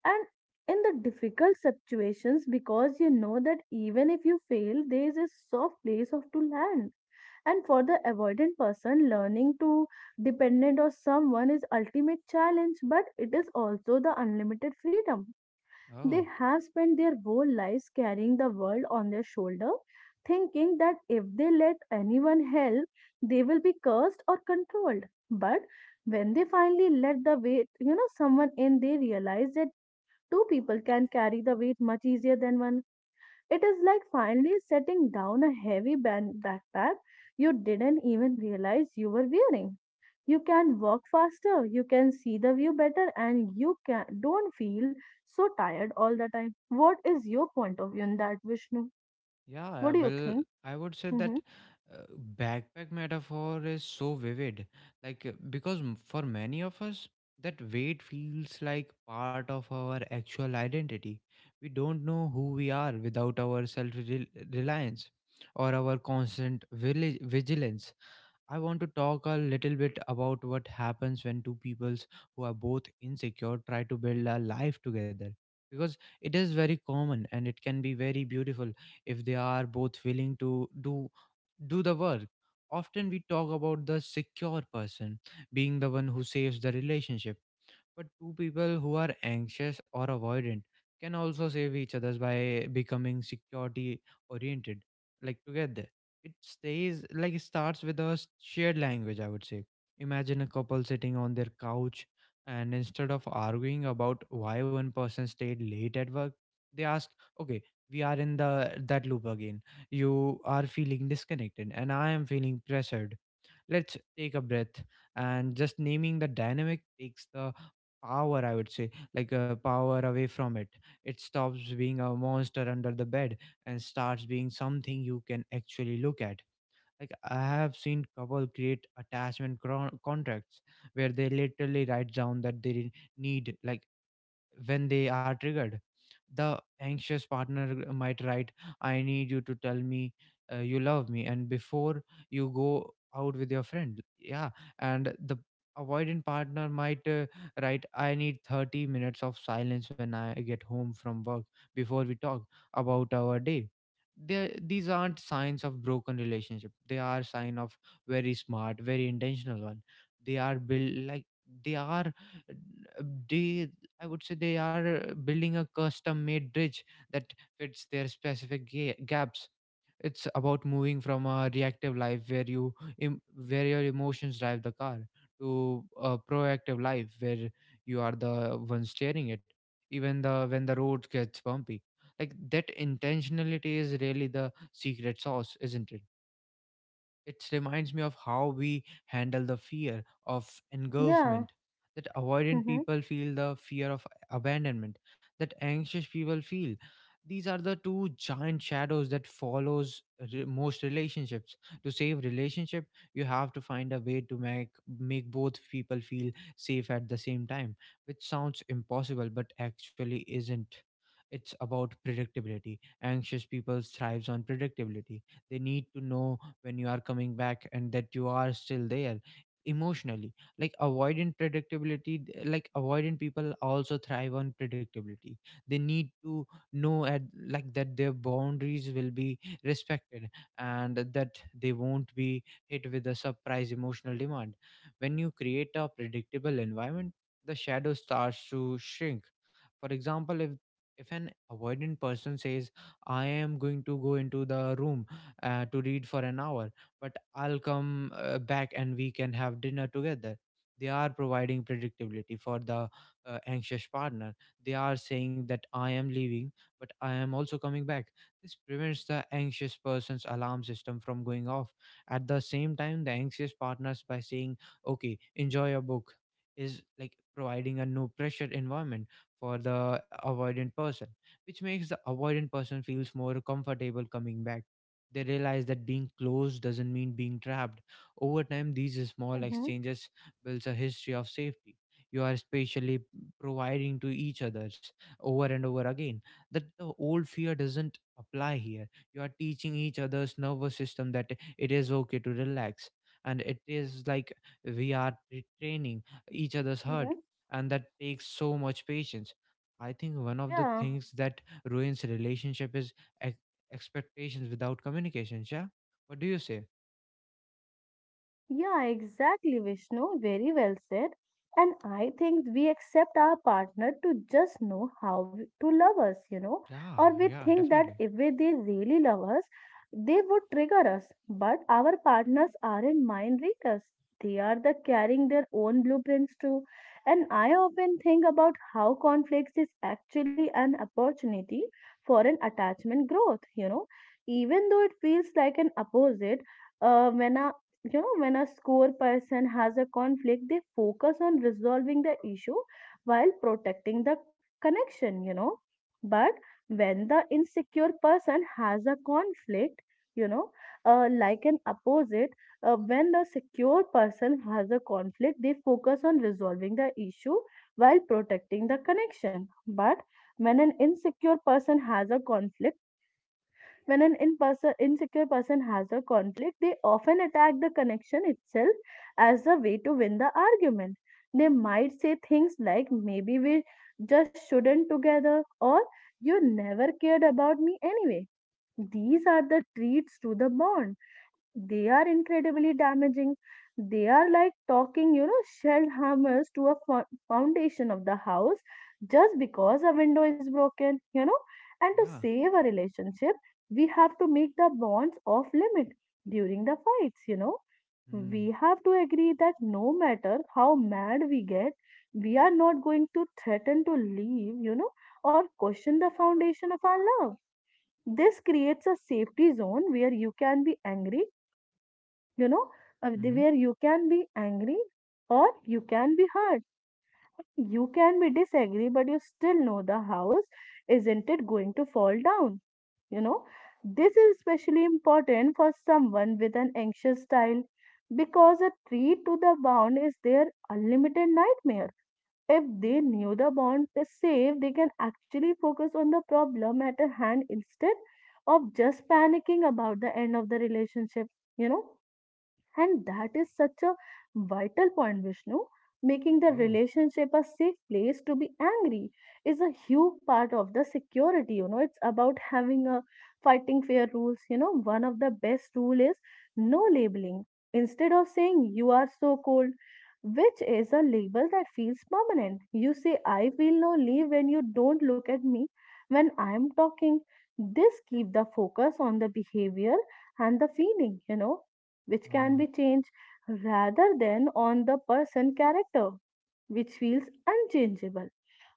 Speaker 2: and in the difficult situations, because you know that even if you fail there is a soft place of to land. And for the avoidant person, learning to dependent on someone is ultimate challenge, but it is also the unlimited freedom.
Speaker 1: Oh.
Speaker 2: They have spent their whole lives carrying the world on their shoulder, thinking that if they let anyone help, they will be cursed or controlled. But when they finally let the weight, you know, someone in, they realize that two people can carry the weight much easier than one. It is like finally setting down a heavy backpack you didn't even realize you were wearing. You can walk faster, you can see the view better, and you can don't feel so tired all the time. What is your point of view on that, Vishnu? What
Speaker 1: Yeah,
Speaker 2: do you
Speaker 1: well,
Speaker 2: think?
Speaker 1: I would say
Speaker 2: Mm-hmm.
Speaker 1: that uh, backpack metaphor is so vivid. Like, because for many of us, that weight feels like part of our actual identity. We don't know who we are without our self reliance or our constant vigilance. I want to talk a little bit about what happens when two peoples who are both insecure try to build a life together, because it is very common and it can be very beautiful if they are both willing to do the work. Often we talk about the secure person being the one who saves the relationship, but two people who are anxious or avoidant can also save each other's by becoming security oriented. Like together, it stays like it starts with a shared language, I would say. Imagine a couple sitting on their couch, and instead of arguing about why one person stayed late at work, they ask, "Okay, we are in the that loop again. You are feeling disconnected, and I am feeling pressured. Let's take a breath." And just naming the dynamic takes the power, I would say, like a power away from it. It stops being a monster under the bed and starts being something you can actually look at. Like I have seen couple create attachment contracts where they literally write down that they need, like, when they are triggered. The anxious partner might write, I need you to tell me you love me, and before you go out with your friend. Yeah. And the avoidant partner might write, I need 30 minutes of silence when I get home from work before we talk about our day. There, these aren't signs of broken relationship. They are sign of very smart, very intentional one. They are built like they are uh, they I would say they are building a custom made bridge that fits their specific gaps. It's about moving from a reactive life where em- where your emotions drive the car to a proactive life where you are the one steering it, even the when the road gets bumpy. Like that intentionality is really the secret sauce, isn't it? It reminds me of how we handle the fear of
Speaker 2: Yeah.
Speaker 1: engulfment, that avoidant
Speaker 2: Mm-hmm.
Speaker 1: people feel, the fear of abandonment, that anxious people feel. These are the two giant shadows that follows most relationships. To save relationship, you have to find a way to make both people feel safe at the same time, which sounds impossible but actually isn't. It's about predictability. Anxious people thrives on predictability. They need to know when you are coming back and that you are still there emotionally. Like avoidant predictability like avoidant people also thrive on predictability. They need to know at, like, that their boundaries will be respected, and that they won't be hit with a surprise emotional demand. When you create a predictable environment, the shadow starts to shrink. For example, if an avoidant person says, I am going to go into the room to read for an hour, but I'll come back and we can have dinner together, they are providing predictability for the anxious partner. They are saying that I am leaving, but I am also coming back. This prevents the anxious person's alarm system from going off. At the same time, the anxious partners, by saying okay, enjoy your book, is like providing a no pressure environment for the avoidant person, which makes the avoidant person feels more comfortable coming back. They realize that being close doesn't mean being trapped. Over time, these small
Speaker 2: Mm-hmm.
Speaker 1: exchanges builds a history of safety. You are spatially providing to each others over and over again, that the old fear doesn't apply here. You are teaching each other's nervous system that it is okay to relax. And it is like we are training each other's heart.
Speaker 2: Mm-hmm.
Speaker 1: And that takes so much patience. I think one of the
Speaker 2: Yeah.
Speaker 1: things that ruins relationship is expectations without communications. Yeah. What do you say?
Speaker 2: Yeah, exactly, Vishnu. Very well said. And I think we accept our partner to just know how to love us, you know,
Speaker 1: Yeah.
Speaker 2: or we
Speaker 1: Yeah.
Speaker 2: think that
Speaker 1: Definitely.
Speaker 2: if they really love us, they would trigger us. But our partners aren't mind readers. They are the carrying their own blueprints too. And I often think about how conflicts is actually an opportunity for an attachment growth, you know, even though it feels like an opposite. Uh, when a you know when a score person has a conflict, they focus on resolving the issue while protecting the connection, you know. But when the insecure person has a conflict, you know, like an opposite, when the secure person has a conflict, they focus on resolving the issue while protecting the connection, but when an insecure person has a conflict, when an in person, insecure person has a conflict, they often attack the connection itself as a way to win the argument. They might say things like, maybe we just shouldn't together, or you never cared about me anyway. These are the treats to the bond, they are incredibly damaging. They are like talking, you know, shell hammers to a foundation of the house just because a window is broken, you know. And to
Speaker 1: Yeah.
Speaker 2: save a relationship, we have to make the bonds off limit during the fights, you know.
Speaker 1: Mm.
Speaker 2: We have to agree that no matter how mad we get, we are not going to threaten to leave, you know, or question the foundation of our love. This creates a safety zone where you can be angry, you know,
Speaker 1: Hmm.
Speaker 2: where you can be angry or you can be hurt. You can be disagree, but you still know the house isn't it going to fall down, you know. This is especially important for someone with an anxious style because a treat to the bound is their unlimited nightmare. If they knew the bond is safe, they can actually focus on the problem at hand instead of just panicking about the end of the relationship, you know. And that is such a vital point, Vishnu. Making the
Speaker 1: Oh.
Speaker 2: relationship a safe place to be angry is a huge part of the security. You know, it's about having a fighting fair rules. You know, one of the best rule is no labeling. Instead of saying you are so cold, which is a label that feels permanent, you say I feel lonely when you don't look at me when I am talking. This keep the focus on the behavior and the feeling, you know, which can
Speaker 1: Uh,
Speaker 2: be changed rather than on the person character, which feels unchangeable.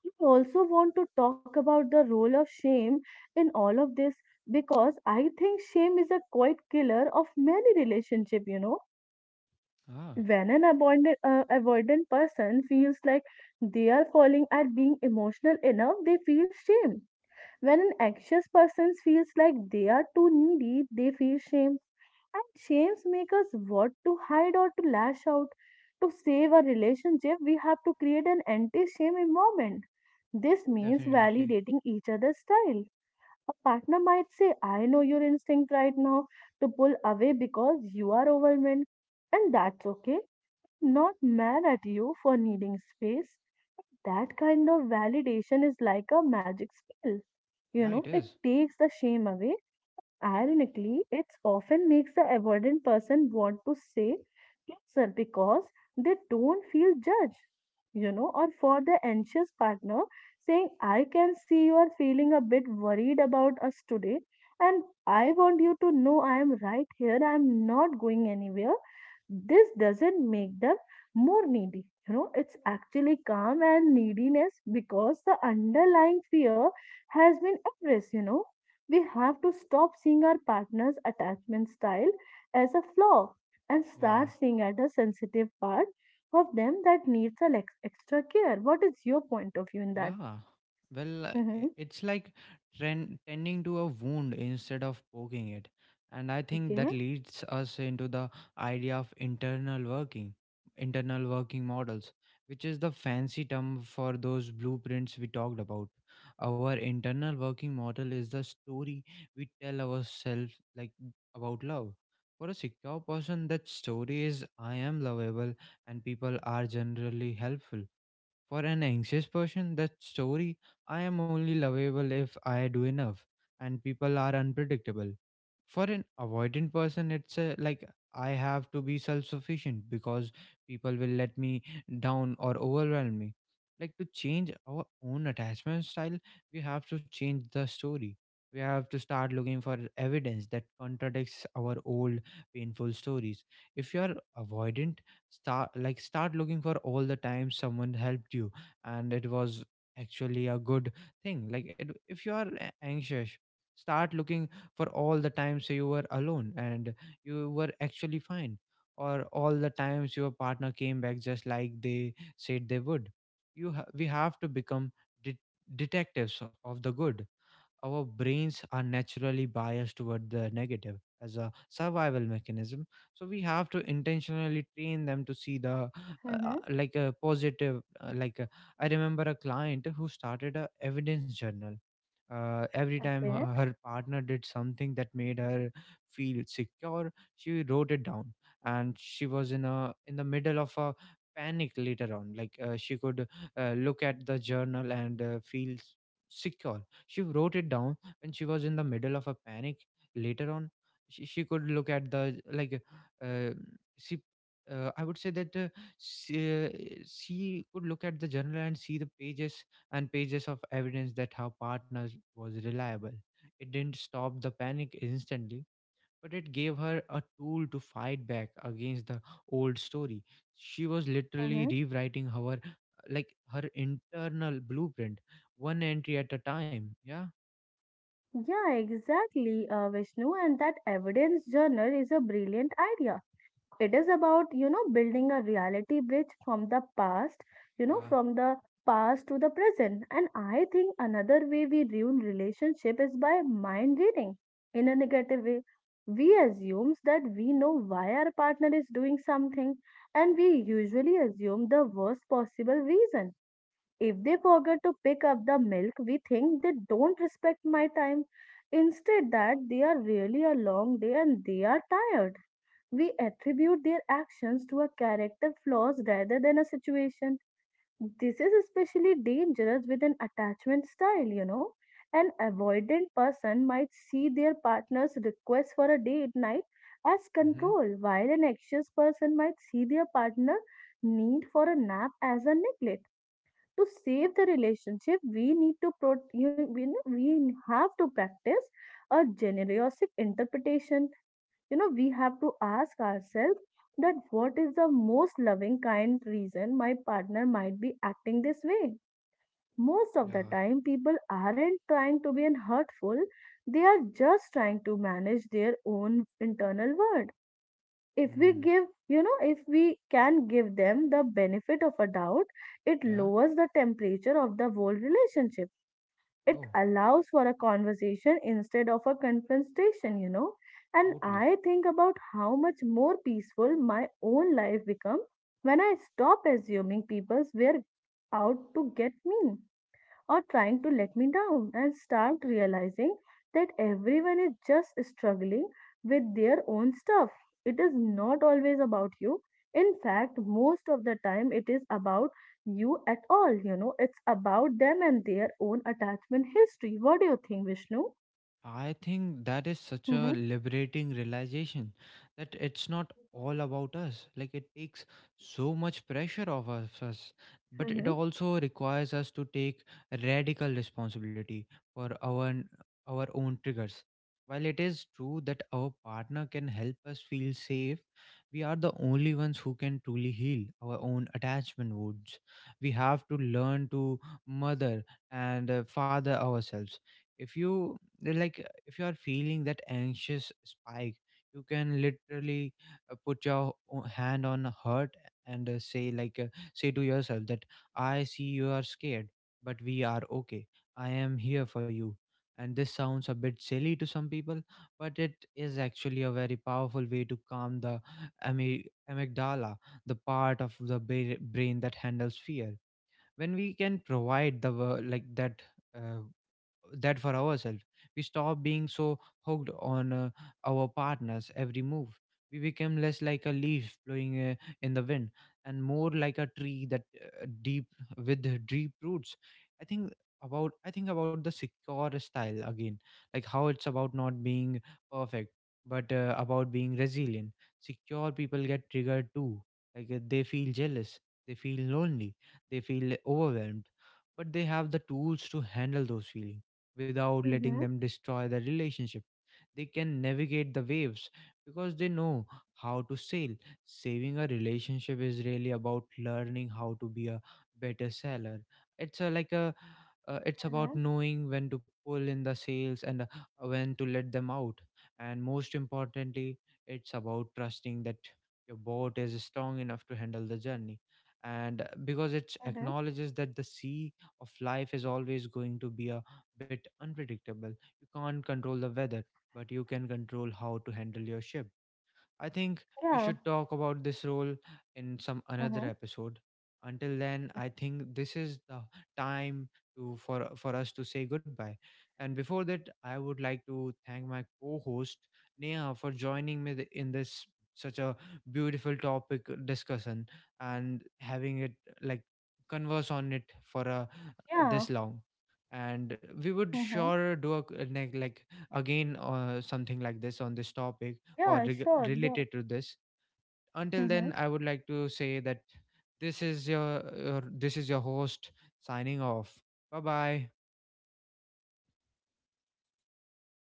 Speaker 2: I also want to talk about the role of shame in all of this because I think shame is a quite killer of many relationship, you know.
Speaker 1: ah.
Speaker 2: When an avoidant person feels like they are falling at being emotional enough, they feel shame. When an anxious person feels like they are too needy, they feel shame. And shames make us what to hide or to lash out. To save our relationship, we have to create an anti shame environment. This means
Speaker 1: Definitely.
Speaker 2: validating each other's style. A partner might say, I know your instinct right now to pull away because you are overwhelmed, and that's okay. Not mad at you for needing space. That kind of validation is like a magic spell. You
Speaker 1: Yeah. It
Speaker 2: know, it
Speaker 1: is.
Speaker 2: takes the shame away. Ironically, it often makes the avoidant person want to say, closer because they don't feel judged, you know, or for the anxious partner saying, I can see you are feeling a bit worried about us today, and I want you to know I am right here, I am not going anywhere. This doesn't make them more needy. You know, it's actually calm and neediness because the underlying fear has been addressed, you know. We have to stop seeing our partner's attachment style as a flaw and
Speaker 1: Yeah.
Speaker 2: start seeing at a sensitive part of them that needs a extra care. What is your point of view in that?
Speaker 1: Yeah, well,
Speaker 2: Hmm.
Speaker 1: it's like tending to a wound instead of poking it. And I think
Speaker 2: Okay.
Speaker 1: that leads us into the idea of internal working models, which is the fancy term for those blueprints we talked about. Our internal working model is the story we tell ourselves, like, about love. For a secure person, that story is I am lovable and people are generally helpful. For an anxious person, that story, I am only lovable if I do enough and people are unpredictable. For an avoidant person, it's a, like, I have to be self sufficient because people will let me down or overwhelm me. Like, to change our own attachment style, we have to change the story. We have to start looking for evidence that contradicts our old painful stories. If you are avoidant, start looking for all the time someone helped you and it was actually a good thing. Like it, if you are anxious, start looking for all the times you were alone and you were actually fine, or all the times your partner came back just like they said they would. We have to become det detectives of the good. Our brains are naturally biased toward the negative as a survival mechanism, so we have to intentionally train them to see the
Speaker 2: Mm-hmm.
Speaker 1: like a positive, I remember a client who started a evidence journal. Every time
Speaker 2: Okay.
Speaker 1: her partner did something that made her feel secure, she wrote it down. And she was in a in the middle of a panic later on like she could look at the journal and feel s- secure She wrote it down when she was in the middle of a panic. Later on, she could look at the like uh, she. I would say that she, uh, she could look at the journal and see the pages and pages of evidence that her partner was reliable. It didn't stop the panic instantly, but it gave her a tool to fight back against the old story. She was literally
Speaker 2: Mm-hmm.
Speaker 1: rewriting her her internal blueprint one entry at a time. Yeah.
Speaker 2: Yeah, exactly, Vishnu. And that evidence journal is a brilliant idea. It is about, you know, building a reality bridge from the past, you know,
Speaker 1: Ja.
Speaker 2: from the past to the present. And I think another way we ruin relationship is by mind reading in a negative way. We assumes that we know why our partner is doing something, and we usually assume the worst possible reason. If they forget to pick up the milk, we think they don't respect my time. Instead, that they are really a long day and they are tired. We attribute their actions to a character flaws rather than a situation. This is especially dangerous with an attachment style, you know. An avoidant person might see their partner's request for a date night as
Speaker 1: Mhm.
Speaker 2: control, while an anxious person might see their partner need for a nap as a neglect. To save the relationship we need to we have to practice a generous interpretation, you know. We have to ask ourselves that what is the most loving kind reason my partner might be acting this way. Most of the
Speaker 1: Ja.
Speaker 2: time people aren't trying to be an hurtful, they are just trying to manage their own internal world. If we
Speaker 1: Mhm.
Speaker 2: give, you know, if we can give them the benefit of a doubt, it
Speaker 1: Ja.
Speaker 2: lowers the temperature of the whole relationship. It
Speaker 1: Oh,
Speaker 2: allows for a conversation instead of a confrontation, you know. And
Speaker 1: totally.
Speaker 2: I think about how much more peaceful my own life becomes when I stop assuming people's were out to get me or trying to let me down, and start realizing that everyone is just struggling with their own stuff. It is not always about you. In fact, most of the time, it is about you at all. You know, it's about them and their own attachment history. What do you think, Vishnu?
Speaker 1: I think that is such a
Speaker 2: Mm-hmm.
Speaker 1: liberating realization, that it's not all about us. Like it takes so much pressure off of us, but it
Speaker 2: Mm-hmm.
Speaker 1: also requires us to take radical responsibility for our own triggers. While it is true that our partner can help us feel safe, we are the only ones who can truly heal our own attachment wounds. We have to learn to mother and father ourselves. If you if you are feeling that anxious spike, you can literally put your hand on a heart and say to yourself that I see you are scared, but we are okay. I am here for you. And this sounds a bit silly to some people, but it is actually a very powerful way to calm the amy- amygdala, the part of the brain that handles fear. When we can provide the uh, that for ourselves, we stop being so hooked on our partners every move. We become less like a leaf blowing in the wind, and more like a tree that deep with deep roots. i think I think about the secure style again, like how it's about not being perfect, but about being resilient. Secure people get triggered too. Like they feel jealous, they feel lonely, they feel overwhelmed, but they have the tools to handle those feelings without letting
Speaker 2: Mm-hmm.
Speaker 1: them destroy the relationship. They can navigate the waves because they know how to sail. Saving a relationship is really about learning how to be a better sailor. It's a, like a It's
Speaker 2: Mm-hmm.
Speaker 1: about knowing when to pull in the sails and when to let them out. And most importantly, it's about trusting that your boat is strong enough to handle the journey, and because it
Speaker 2: Mm-hmm.
Speaker 1: acknowledges that the sea of life is always going to be a bit unpredictable. You can't control the weather, but you can control how to handle your ship. I think we
Speaker 2: Yeah.
Speaker 1: should talk about this role in some another
Speaker 2: Mm-hmm.
Speaker 1: episode. Until then, I think this is the time to for us to say goodbye. And before that, I would like to thank my co-host Neha for joining me in this such a beautiful topic discussion and having it, like, converse on it for a,
Speaker 2: Yeah.
Speaker 1: this long. And we would
Speaker 2: Mm-hmm.
Speaker 1: sure do a, like again or something like this on this topic or
Speaker 2: Yeah, sure. Yeah.
Speaker 1: related to this. Until then,
Speaker 2: Mm-hmm.
Speaker 1: I would like to say that this is your this is your host signing off. Bye bye.